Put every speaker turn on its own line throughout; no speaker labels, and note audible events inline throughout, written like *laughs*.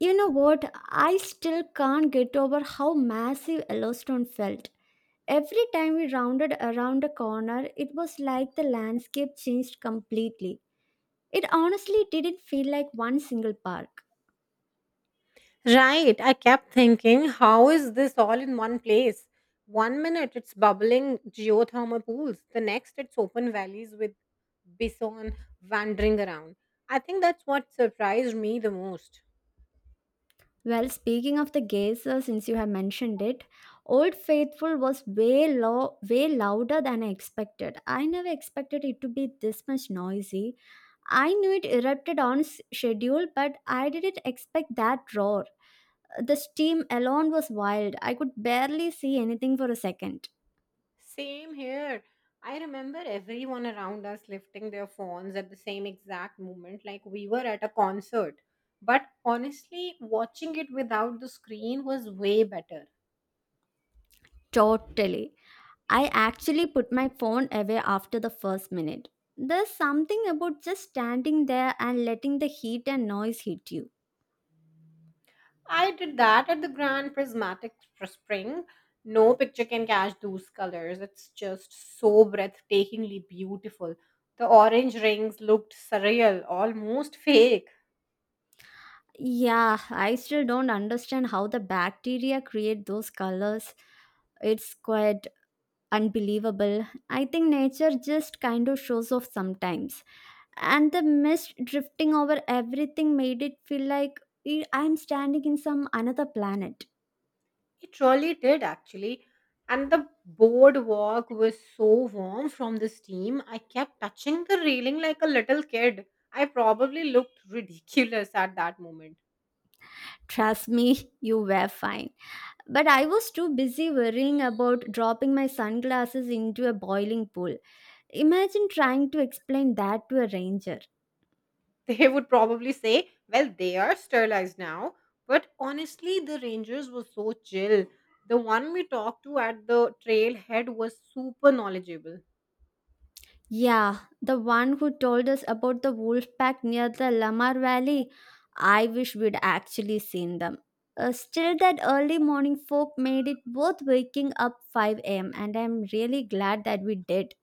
You know what? I still can't get over how massive Yellowstone felt. Every time we rounded around a corner, it was like the landscape changed completely. It honestly didn't feel like one single park.
Right. I kept thinking, how is this all in one place? One minute it's bubbling geothermal pools, the next it's open valleys with bison wandering around. I think that's what surprised me the most.
Well, speaking of the geysers, since you have mentioned it, Old Faithful was way louder than I expected. I never expected it to be this much noisy. I knew it erupted on schedule, but I didn't expect that roar. The steam alone was wild. I could barely see anything for a second.
Same here. I remember everyone around us lifting their phones at the same exact moment, like we were at a concert. But honestly, watching it without the screen was way better.
Totally. I actually put my phone away after the first minute. There's something about just standing there and letting the heat and noise hit you.
I did that at the Grand Prismatic Spring. No picture can catch those colors. It's just so breathtakingly beautiful. The orange rings looked surreal, almost fake.
Yeah, I still don't understand how the bacteria create those colors. It's quite unbelievable. I think nature just kind of shows off sometimes, and the mist drifting over everything made it feel like I'm standing in some another planet.
It really did, actually. And the boardwalk was so warm from the steam, I kept touching the railing like a little kid. I probably looked ridiculous at that moment.
Trust me, *laughs* you were fine, but I was too busy worrying about dropping my sunglasses into a boiling pool. Imagine trying to explain that to a ranger.
*laughs* They would probably say, well, they are sterilized now. But honestly, the rangers were so chill. The one we talked to at the trailhead was super knowledgeable.
Yeah, the one who told us about the wolf pack near the Lamar Valley. I wish we'd actually seen them. Still, that early morning folk made it worth waking up 5 a.m., and I'm really glad that we did.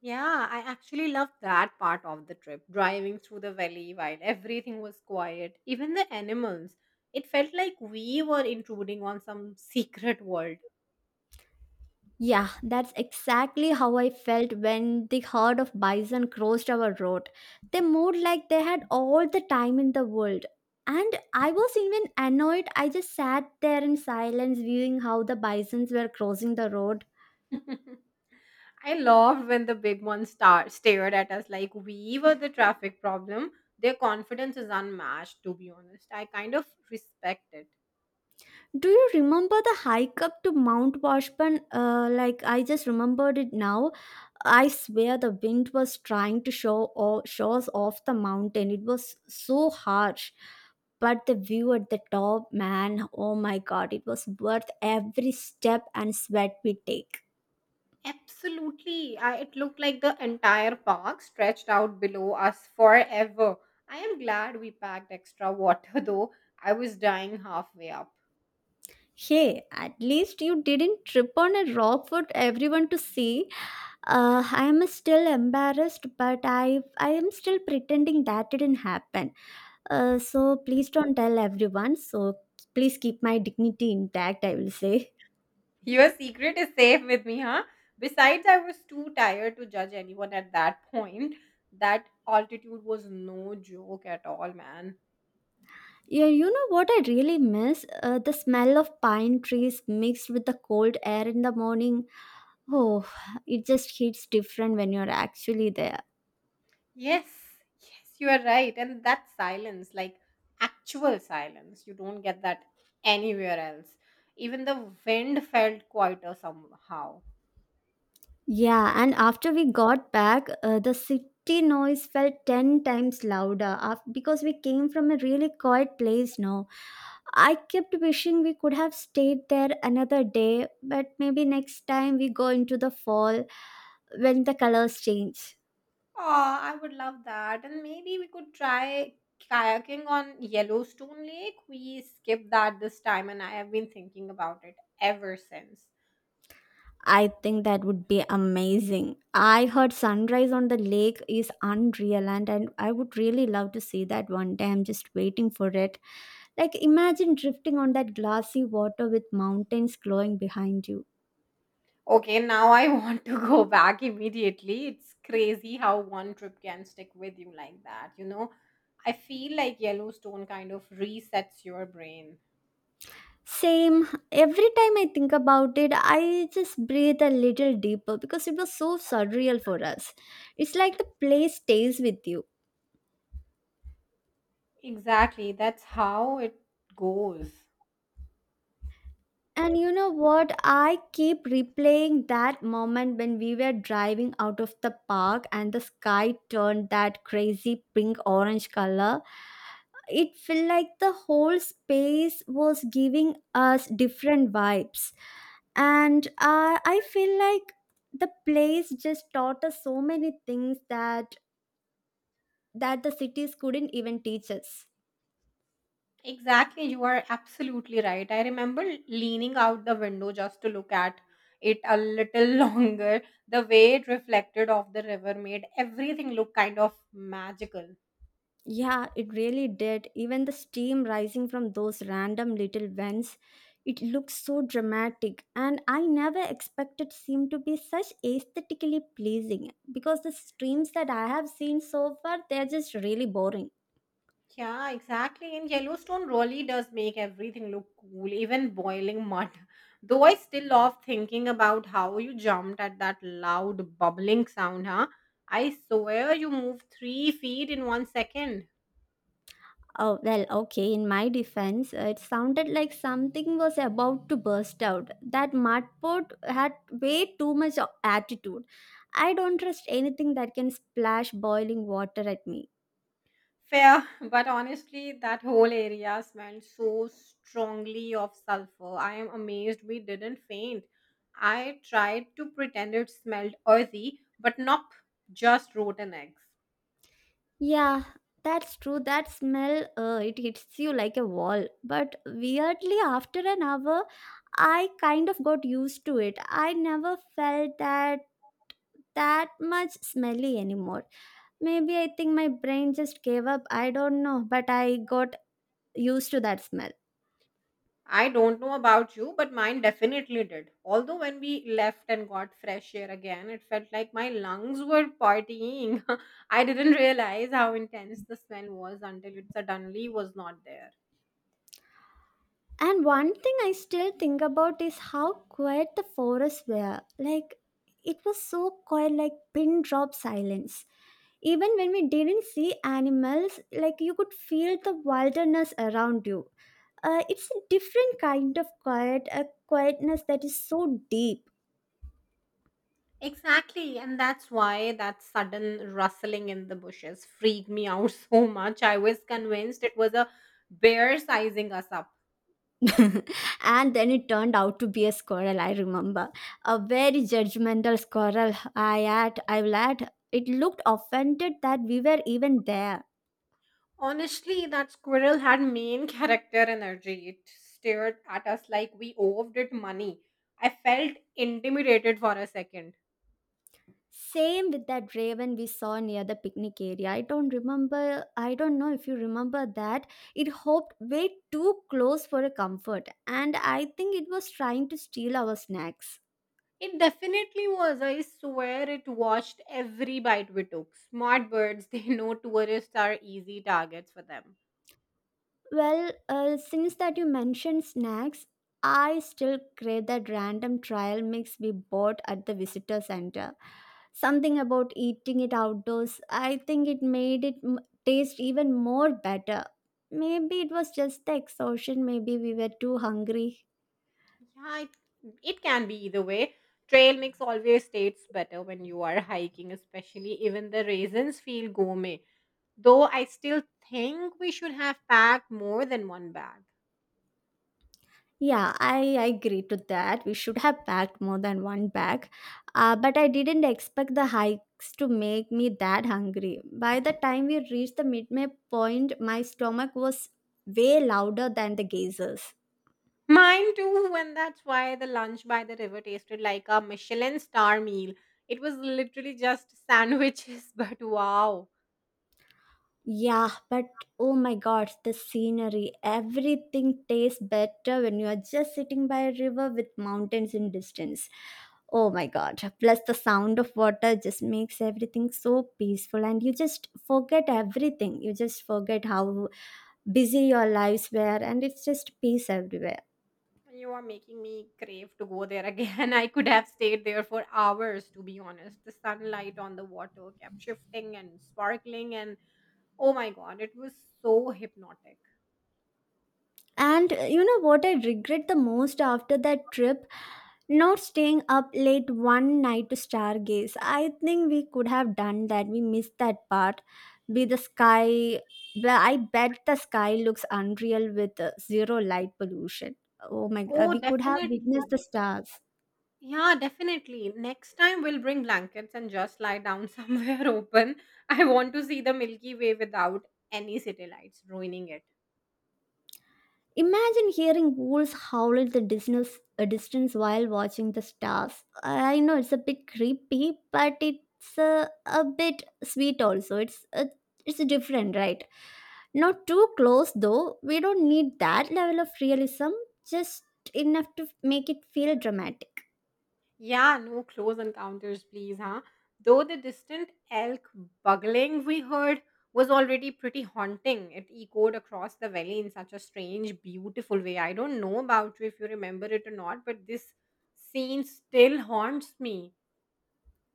Yeah, I actually loved that part of the trip, driving through the valley while everything was quiet, even the animals. It felt like we were intruding on some *laughs* secret world.
Yeah, that's exactly how I felt when the herd of bison crossed our road. They moved like they had all the time in the world. And I was even annoyed. I just sat there in silence, viewing how the bisons were crossing the road.
*laughs* I loved when the big one stared at us like we were the traffic problem. Their confidence is unmatched, to be honest. I kind of respect it.
Do you remember the hike up to Mount Washburn? Like, I just remembered it now. I swear the wind was trying to show or show us off the mountain. It was so harsh, but the view at the top, man, oh my god, it was worth every step and sweat we take.
Absolutely. It looked like the entire park stretched out below us forever. I am glad we packed extra water *laughs* though. I was dying halfway up.
Hey, at least you didn't trip on a rock for everyone to see. I am still embarrassed, but I am still pretending that didn't happen. So please don't tell everyone. So please keep my dignity intact, I will say.
Your secret is safe with me, huh? Besides, I was too tired to judge anyone at that point. That altitude was no joke at all, man.
Yeah, you know what I really miss? The smell of pine trees mixed with the cold air in the morning. Oh, it just hits different when you're actually there.
Yes, yes, you are right. And that silence, like actual silence, you don't get that anywhere else. Even the wind felt quieter somehow.
Yeah, and after we got back, the city noise felt 10 times louder because we came from a really quiet place now. I kept wishing we could have stayed there another day, but maybe next time we go into the fall when the colors change.
Oh, I would love that. And maybe we could try kayaking on Yellowstone Lake. We skipped that this time, and I have been thinking about it ever since.
I think that would be amazing. I heard sunrise on the lake is unreal, and I would really love to see that one day. I'm just waiting for it. Like, imagine drifting on that glassy water with mountains glowing behind you.
Okay, now I *laughs* want to go back immediately. It's crazy how one trip can stick with you like that, you know? I feel like Yellowstone kind of resets your brain.
Same. Every time I think about it, I just breathe a little deeper because it was so surreal for us. It's like the play stays with you.
Exactly, that's how it goes.
And you know what? I keep replaying that moment when we were driving out of the park and the sky turned that crazy pink orange color. It felt like the whole space was giving us different vibes, and I feel like the place just taught us so many things that the cities couldn't even teach us.
Exactly, you are absolutely right. I remember leaning out the window just to look at it a little *laughs* longer. The way it reflected off the river made everything look kind of magical.
Yeah, it really did. Even the steam rising from those random little vents, it looks so dramatic, and I never expected seem to be such aesthetically pleasing because the streams that I have seen so far, they're just really boring.
Yeah, exactly. And Yellowstone really does make everything look cool, even boiling mud. *laughs* Though I still love thinking about how you jumped at that loud bubbling sound, huh? I swear you moved 3 feet in one second.
Oh, well, okay, in my defense, it sounded like something was about to burst out. That mudport had way too much attitude. I don't trust anything that can splash boiling water at me.
Fair, *laughs* but honestly, that whole area smelled so strongly of sulfur. I am amazed we didn't faint. I tried to pretend it smelled earthy, but nope, just rotten eggs.
Yeah, that's true. That smell, it hits you like a wall. But weirdly, after an hour, I kind of got used to it. I never felt that much smelly anymore. Maybe, I think my brain just gave up, I don't know, but I got used to that smell.
I don't know about you, but mine definitely did. Although when we left and got fresh air again, it felt like my lungs were partying. *laughs* I didn't realize how intense the smell was until it suddenly was not there.
And one thing I still think about is how quiet the forests were. Like, it was so quiet, like pin drop silence. Even when we didn't see animals, like, you could feel the wilderness around you. It's a different kind of quiet, a quietness that is so deep.
Exactly, and that's why that sudden rustling in the bushes freaked me out *laughs* so much. I was convinced it was a bear sizing us up.
*laughs* And then it turned out to be a squirrel. I remember a very judgmental squirrel, I will add, it looked offended that we were even there.
Honestly, that squirrel had main character energy. It stared at us like we owed it money. I felt intimidated for a second.
Same with that raven we saw near the picnic area. I don't remember, I don't know if you remember that. It hopped way too close for a comfort, and I think it was trying to steal our snacks.
It definitely was. I swear it watched every bite we took. Smart birds, *laughs* they know tourists are easy targets for them.
Well, since that you mentioned snacks, I still crave that random trial mix we bought at the visitor center. Something about eating it outdoors, I think it made it taste even more better. Maybe it was just the exhaustion, maybe we were too hungry.
Yeah, it can be either way. Trail mix always tastes better when you are hiking, especially even the raisins feel gourmet. Though I still think we should have packed more than one bag.
Yeah, I agree to that. We should have packed more than one bag. But I didn't expect the hikes to make me that hungry. By the time we reached the midway point, my stomach was way louder than the geysers.
Mine too, and that's why the lunch by the river tasted like a Michelin star meal. It was literally just sandwiches, *laughs* but wow.
Yeah, but oh my god, the scenery. Everything tastes better when you are just sitting by a river with mountains in distance. Oh my god. Plus, the sound of water just makes everything so peaceful, and you just forget everything. You just forget how busy your lives were, and it's just peace everywhere.
You are making me crave to go there again. *laughs* I could have stayed there for hours, to be honest. The sunlight on the water kept shifting and sparkling, and oh my god, it was so hypnotic.
And you know what I regret the most after that trip? Not staying up late one night to stargaze. I think we could have done that. We missed that part. Be the sky. But I bet the sky looks unreal with zero light pollution. Oh my!
Oh,
We could have
definitely.
witnessed the stars.
Yeah, definitely. Next time we'll bring blankets and just lie down *laughs* somewhere open. I want to see the Milky Way without any city lights ruining it.
Imagine hearing wolves howl at a distance while watching the stars. I know it's a bit creepy, but it's a bit sweet also. It's different, right? Not too close though. We don't need that level of realism, just enough to make it feel dramatic.
Yeah, no close encounters, please, huh? Though the distant elk bugling we heard was already pretty haunting. It echoed across the valley in such a strange, beautiful way. I don't know about you if you remember it or not, but this scene still haunts me.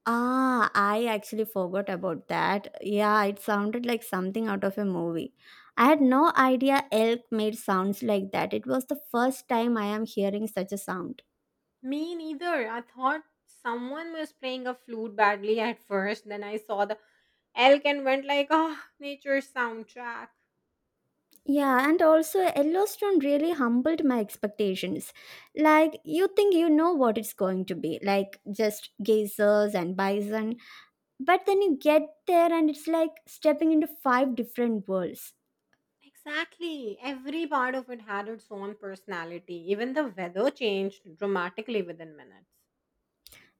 Ah, I actually forgot about that. Yeah, it sounded like something out of a movie. I had no idea elk made sounds like that. It was the first time I am hearing such a sound.
Me neither. I thought someone was playing a flute badly at first, then I saw the elk and went like, oh, nature's soundtrack.
Yeah, and also Yellowstone really humbled my expectations. Like, you think you know what it's going to be, like just geysers and bison, but then you get there and it's like stepping into five different worlds.
Exactly. Every part of it had its own personality. Even the weather changed dramatically within minutes.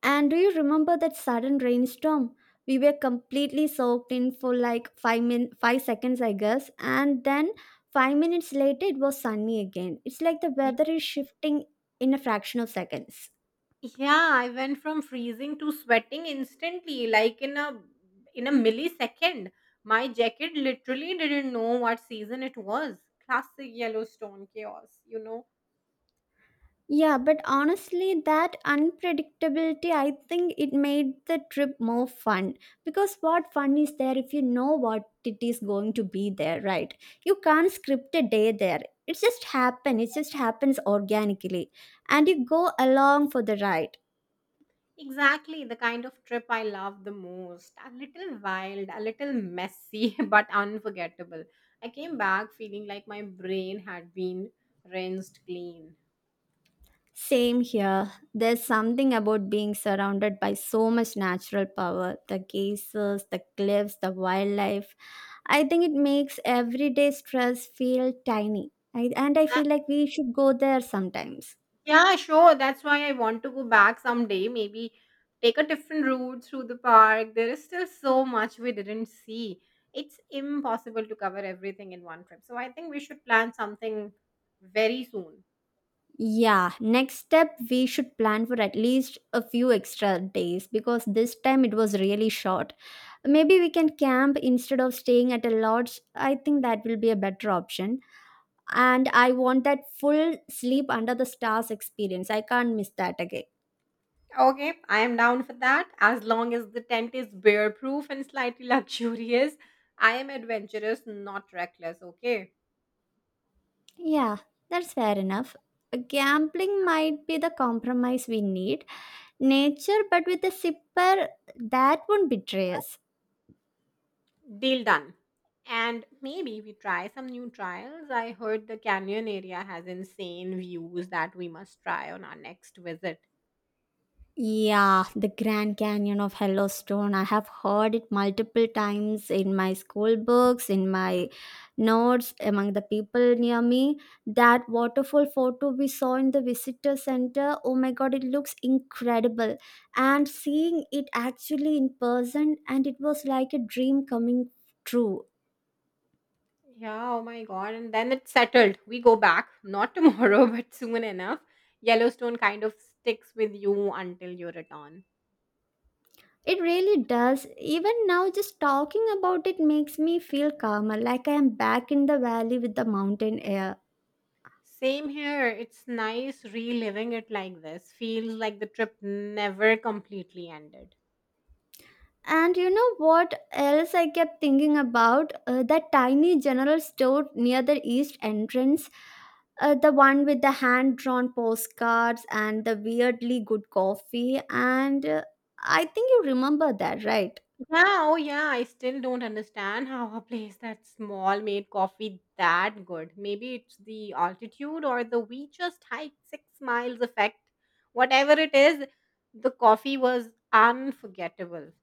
And do you remember that sudden rainstorm? We were completely soaked in for like 5 seconds, I guess, and then 5 minutes later it was sunny again. It's like the
Yeah.
weather is shifting in a fraction of seconds.
Yeah, I went from freezing to sweating instantly, like in a millisecond. My jacket literally didn't know what season it was. Classic Yellowstone chaos, you know.
Yeah, but honestly, that unpredictability, I think it made the trip more fun. Because what fun is there if you know what it is going to be there, right? You can't script a day there. It just happen. It just happens organically. And you go along for the ride.
Exactly the kind of trip I love the most. A little wild, a little messy, *laughs* but unforgettable. I came back feeling like my brain had been rinsed clean.
Same here. There's something about being surrounded by so much natural power, the geysers, the cliffs, the wildlife. I think it makes everyday stress feel tiny. And I
Uh,
feel like we should go there sometimes.
yeah, sure. That's why I want to go back someday. Maybe take a different route through the park. There is still so much we didn't see. It's impossible to cover everything in one trip. So I think we should plan something very soon.
Yeah, next step we should plan for at least a few extra days because this time it was really short. Maybe we can camp instead of staying at a lodge. I think that will be a better option. And I want that full sleep under the stars experience. I can't miss that again.
Okay, I am down for that. As long as the tent is bear proof and slightly *laughs* luxurious, I am adventurous, not reckless. Okay,
Yeah, that's fair enough. Gambling might be the compromise we need. Nature, but with a sipper that won't betray us.
deal done. And maybe we try some new trials. I heard the canyon area has insane views that we must try on our next visit.
Yeah, the Grand Canyon of Yellowstone. I have heard it multiple times in my school books, in my notes, among the people near me. That waterfall photo we saw in the visitor center, oh my god, it looks incredible. And seeing it actually in person, and it was like a dream coming true.
Yeah, oh my god. And then it's settled. We go back, not tomorrow, *laughs* but soon enough. Yellowstone kind of sticks with you until you return.
It really does. Even now, just talking about it makes me feel calmer, like I am back in the valley with the mountain air.
Same here. It's nice reliving it like this. Feels like the trip never completely ended.
And you know what else I kept thinking about? That tiny general store near the east entrance, the one with the hand drawn postcards and the weirdly good coffee. And I think you remember that, right?
Yeah, oh yeah, I still don't understand how a place that small made coffee that good. Maybe it's the altitude or the we just hiked 6 miles effect. Whatever it is, the coffee was unforgettable.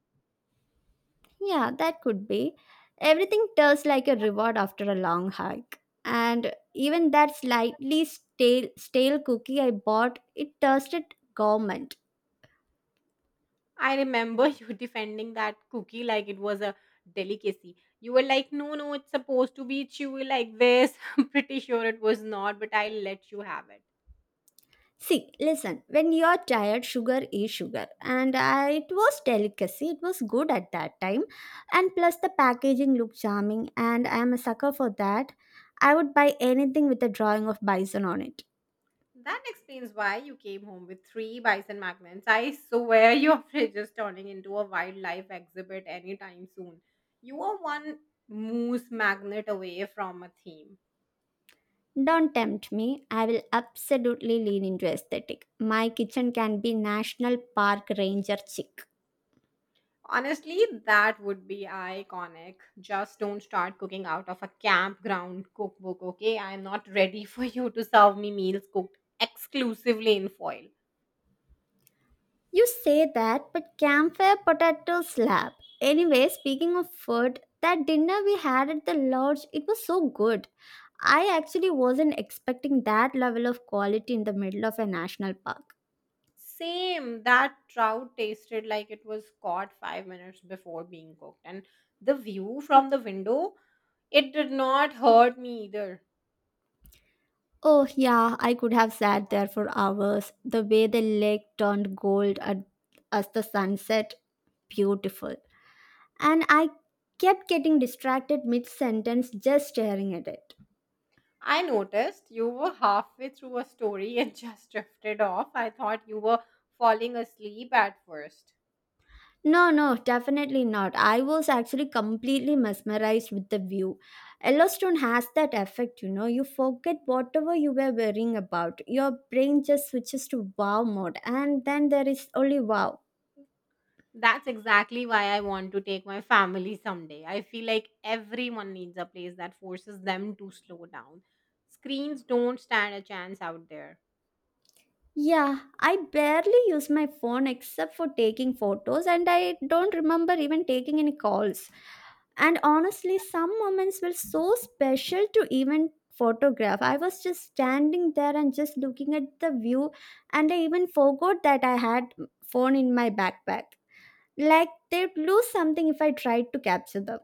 Yeah, that could be. Everything tells like a reward after a long hike. And even that slightly stale cookie I bought, it tasted government.
I remember *laughs* you defending that cookie like it was a delicacy. You were like, no, no, it's supposed to be chewy like this. *laughs* I'm pretty sure it was not, but I'll let you have it.
See, listen, when you're tired, sugar is sugar. It was delicacy, it was good at that time. And plus, the packaging looked charming, and I am a sucker for that. I would buy anything with a drawing of bison on it.
That explains why you came home with 3 bison magnets. I swear *laughs* your fridge is turning into a wildlife exhibit anytime soon. You are one moose magnet away from a theme.
Don't tempt me. I will absolutely lean into aesthetic. My kitchen can be National Park Ranger chic.
Honestly, that would be iconic. Just don't start cooking out of a campground cookbook, okay? I'm not ready for you to serve me meals cooked exclusively in foil.
You say that, but campfire potato slab. Anyway, speaking of food, that dinner we had at the lodge, it was so good. I actually wasn't expecting that level of quality in the middle of a national park.
Same. That trout tasted like it was caught 5 minutes before being cooked. And the view from the window, it did not hurt me either.
Oh, yeah, I could have sat there for hours. The way the lake turned gold at, as the sunset beautiful. And I kept getting distracted mid sentence just staring at it.
I noticed you were halfway through a story and *laughs* just drifted off. I thought you were falling asleep at first.
No, no, definitely not. I was actually completely mesmerized with the view. Yellowstone has that effect, you know. You forget whatever you were worrying about. Your brain just switches to wow mode, and then there is only wow.
That's exactly why I want to take my family someday. I feel like everyone needs a place that forces them to slow down. Screens don't stand a chance out there.
Yeah, I barely use my phone except for taking photos, and I don't remember even taking any calls. And honestly, some moments were so special to even photograph. I was just standing there and just looking at the view, and I even forgot that I had phone in my backpack. Like they'd lose something if I tried to capture them.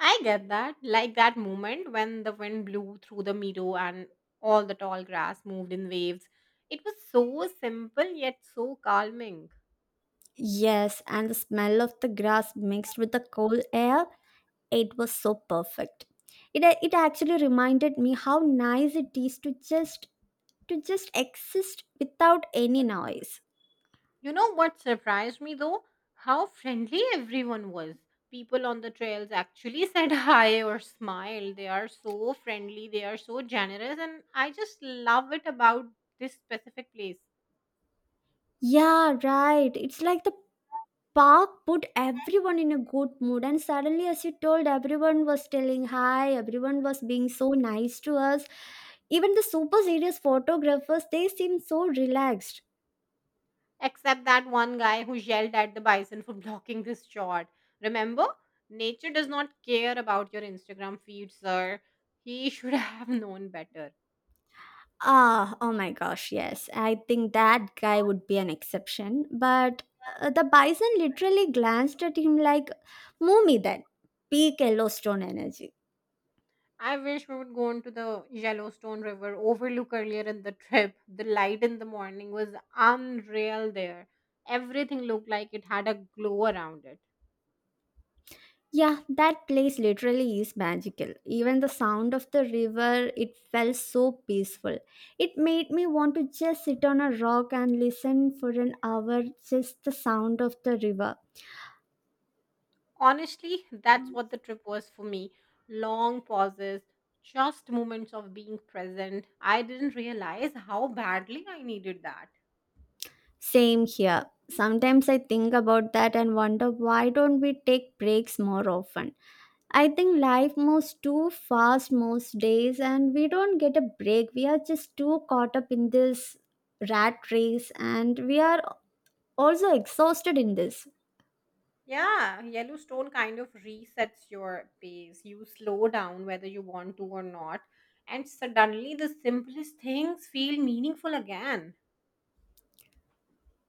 I get that. Like that moment when the wind blew through the meadow and all the tall grass moved in waves. It was so simple yet so calming.
Yes, and the smell of the grass mixed with the cold air, it was so perfect. It actually reminded me how nice it is to just exist without any noise.
You know what surprised me though? How friendly everyone was. People on the trails actually *laughs* said hi or smiled. They are so friendly, they are so generous, and I just love it about this specific place.
Yeah, right. It's like the park put everyone in a good mood, and suddenly, as you told, everyone was telling hi, everyone was being so nice to us. Even the super serious photographers, they seemed so relaxed.
Except that one guy who yelled at the bison for *laughs* blocking this shot. Remember, nature does not care about your Instagram feed, sir. He *laughs* should have known better.
Ah, oh my gosh, yes. I think that guy would be an exception. But the bison literally glanced at him like, move me then. Peak Yellowstone energy.
I wish we would go into the Yellowstone River overlook earlier in the *laughs* trip. The light in the morning was unreal there. Everything looked like it had a glow around it.
Yeah, that place literally is magical. Even the sound of the river, it felt so peaceful. It made me want to just sit on a rock and listen for an hour, just the sound of the river.
Honestly, that's what the trip was for me. Long pauses, just moments of being present. I didn't realize how badly I needed that.
Same here. Sometimes I think about that and wonder, why don't we take breaks more often? I think life moves too fast most days, and we don't get a break. We are just too caught up in this rat race, and we are also exhausted in this.
Yeah, Yellowstone kind of resets your pace. You slow down whether you want to or not, and suddenly the simplest things feel meaningful again.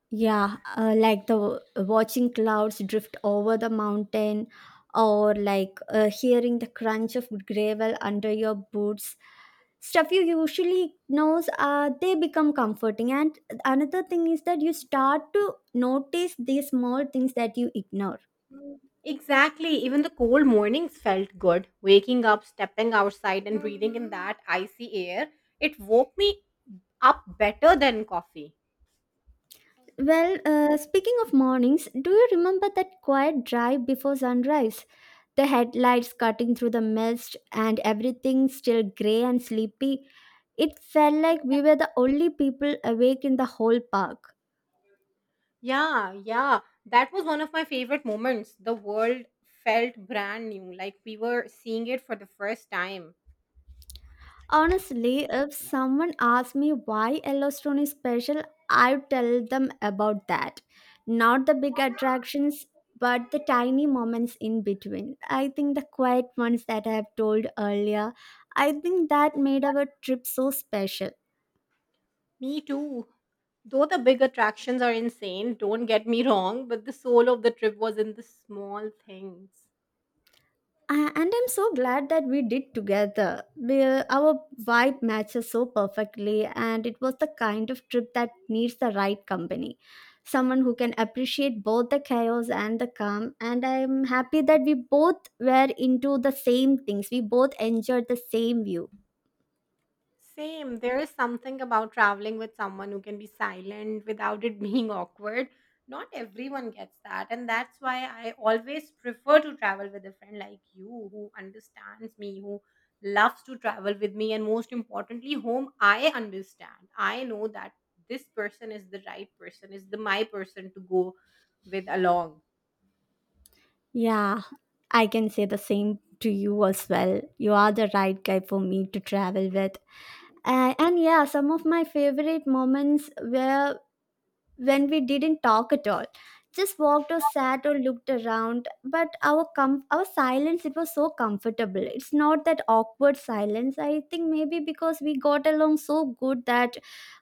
Yeah, like the watching clouds drift over the mountain, or like hearing the crunch of gravel under your boots. Stuff you usually knows, they become comforting. And another thing is that you start to notice these small things that you ignore.
Exactly, even the cold mornings felt good. Waking up, stepping outside, and breathing in that icy air, it woke me up better than coffee.
Well, speaking of mornings, do you remember that quiet drive before sunrise? The headlights cutting through the mist and everything still grey and sleepy. It felt like we were the only people awake in the whole park.
Yeah, yeah. That was one of my favorite moments. The world felt brand new, like we were seeing it for the first time.
Honestly, if someone asked me why Yellowstone is special, I'd tell them about that. Not the big attractions, but the tiny moments in between. I think the quiet ones that I have told earlier, I think that made our trip so special.
Me too. Though the big attractions are insane, don't get me wrong, but the soul of the trip was in the small things.
And I'm so glad that we did together, we, our vibe matches so perfectly, and it was the kind of trip that needs the right company, someone who can appreciate both the chaos and the calm, and I'm happy that we both were into the same things, we both enjoyed the same view.
Same. There is something about traveling with someone who can be silent without it *laughs* being awkward. Not everyone gets that. And that's why I always prefer to travel with a friend like you who understands me, who loves to travel with me, and most importantly, whom I understand. I know that this person is the right person, is the my person to go with along.
Yeah, I can say the same to you as well. You are the right guy for me to travel with. And yeah, some of my favorite moments were when we didn't talk at all, just walked or sat or looked around. But our silence, it was so comfortable. It's not that awkward silence. I think maybe because we got along so good that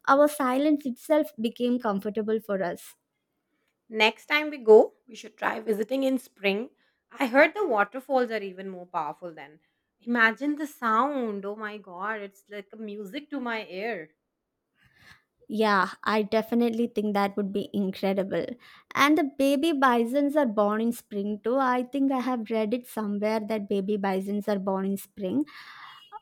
our silence itself became comfortable for us.
Next time we go, we should try visiting in spring. I heard the waterfalls are even more powerful then. Imagine the sound. Oh my god, it's like a music to my ear.
Yeah, I definitely think that would be incredible. And the baby bisons are born in spring too. I think I have read it somewhere that baby bisons are born in spring.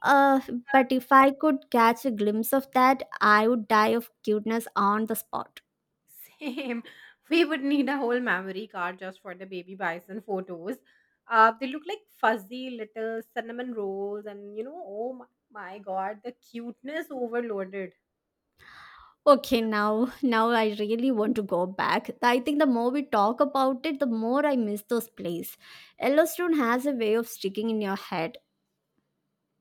Uh, but if I could catch a glimpse of that, I would die of cuteness on the spot.
*laughs* Same. We would need a whole memory card just for the baby bison photos. They look like fuzzy little cinnamon rolls, and you know, oh my, my god, the cuteness overloaded.
Okay, now I really want to go back. I think the more we talk about it, the more I miss those plays. Yellowstone has a way of sticking in your head.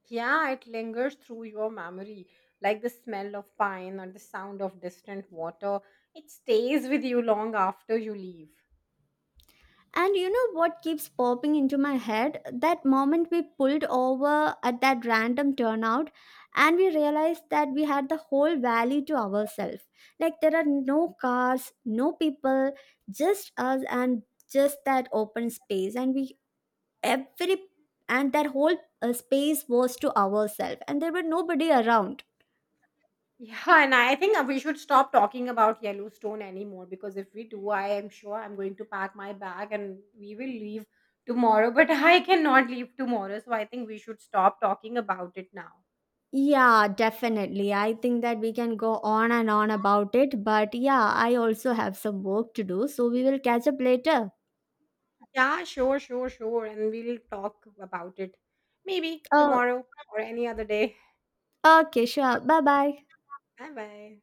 Yeah, it lingers through your memory, like the smell of pine or the sound of distant water. It stays with you long after you leave. *laughs*
And you know what keeps popping into my head? That moment we pulled over at that random turnout and we realized that we had the whole valley to ourselves. Like there are no cars, no people, just us and just that open space. And we, every, and that whole space was to ourselves. And there were nobody around.
Yeah, and I think we should stop talking about Yellowstone anymore because if we do, I am sure I'm going to pack my bag and we will leave tomorrow. *laughs* But I cannot leave tomorrow, so I think we should stop talking about it now.
Yeah, definitely. I think that we can go on and on about it. But yeah, I also have some work to do. So we will catch up later.
Yeah, sure, sure, sure. And we'll talk about it maybe
Oh,
tomorrow or any other day.
okay, sure. Bye bye.
Bye bye.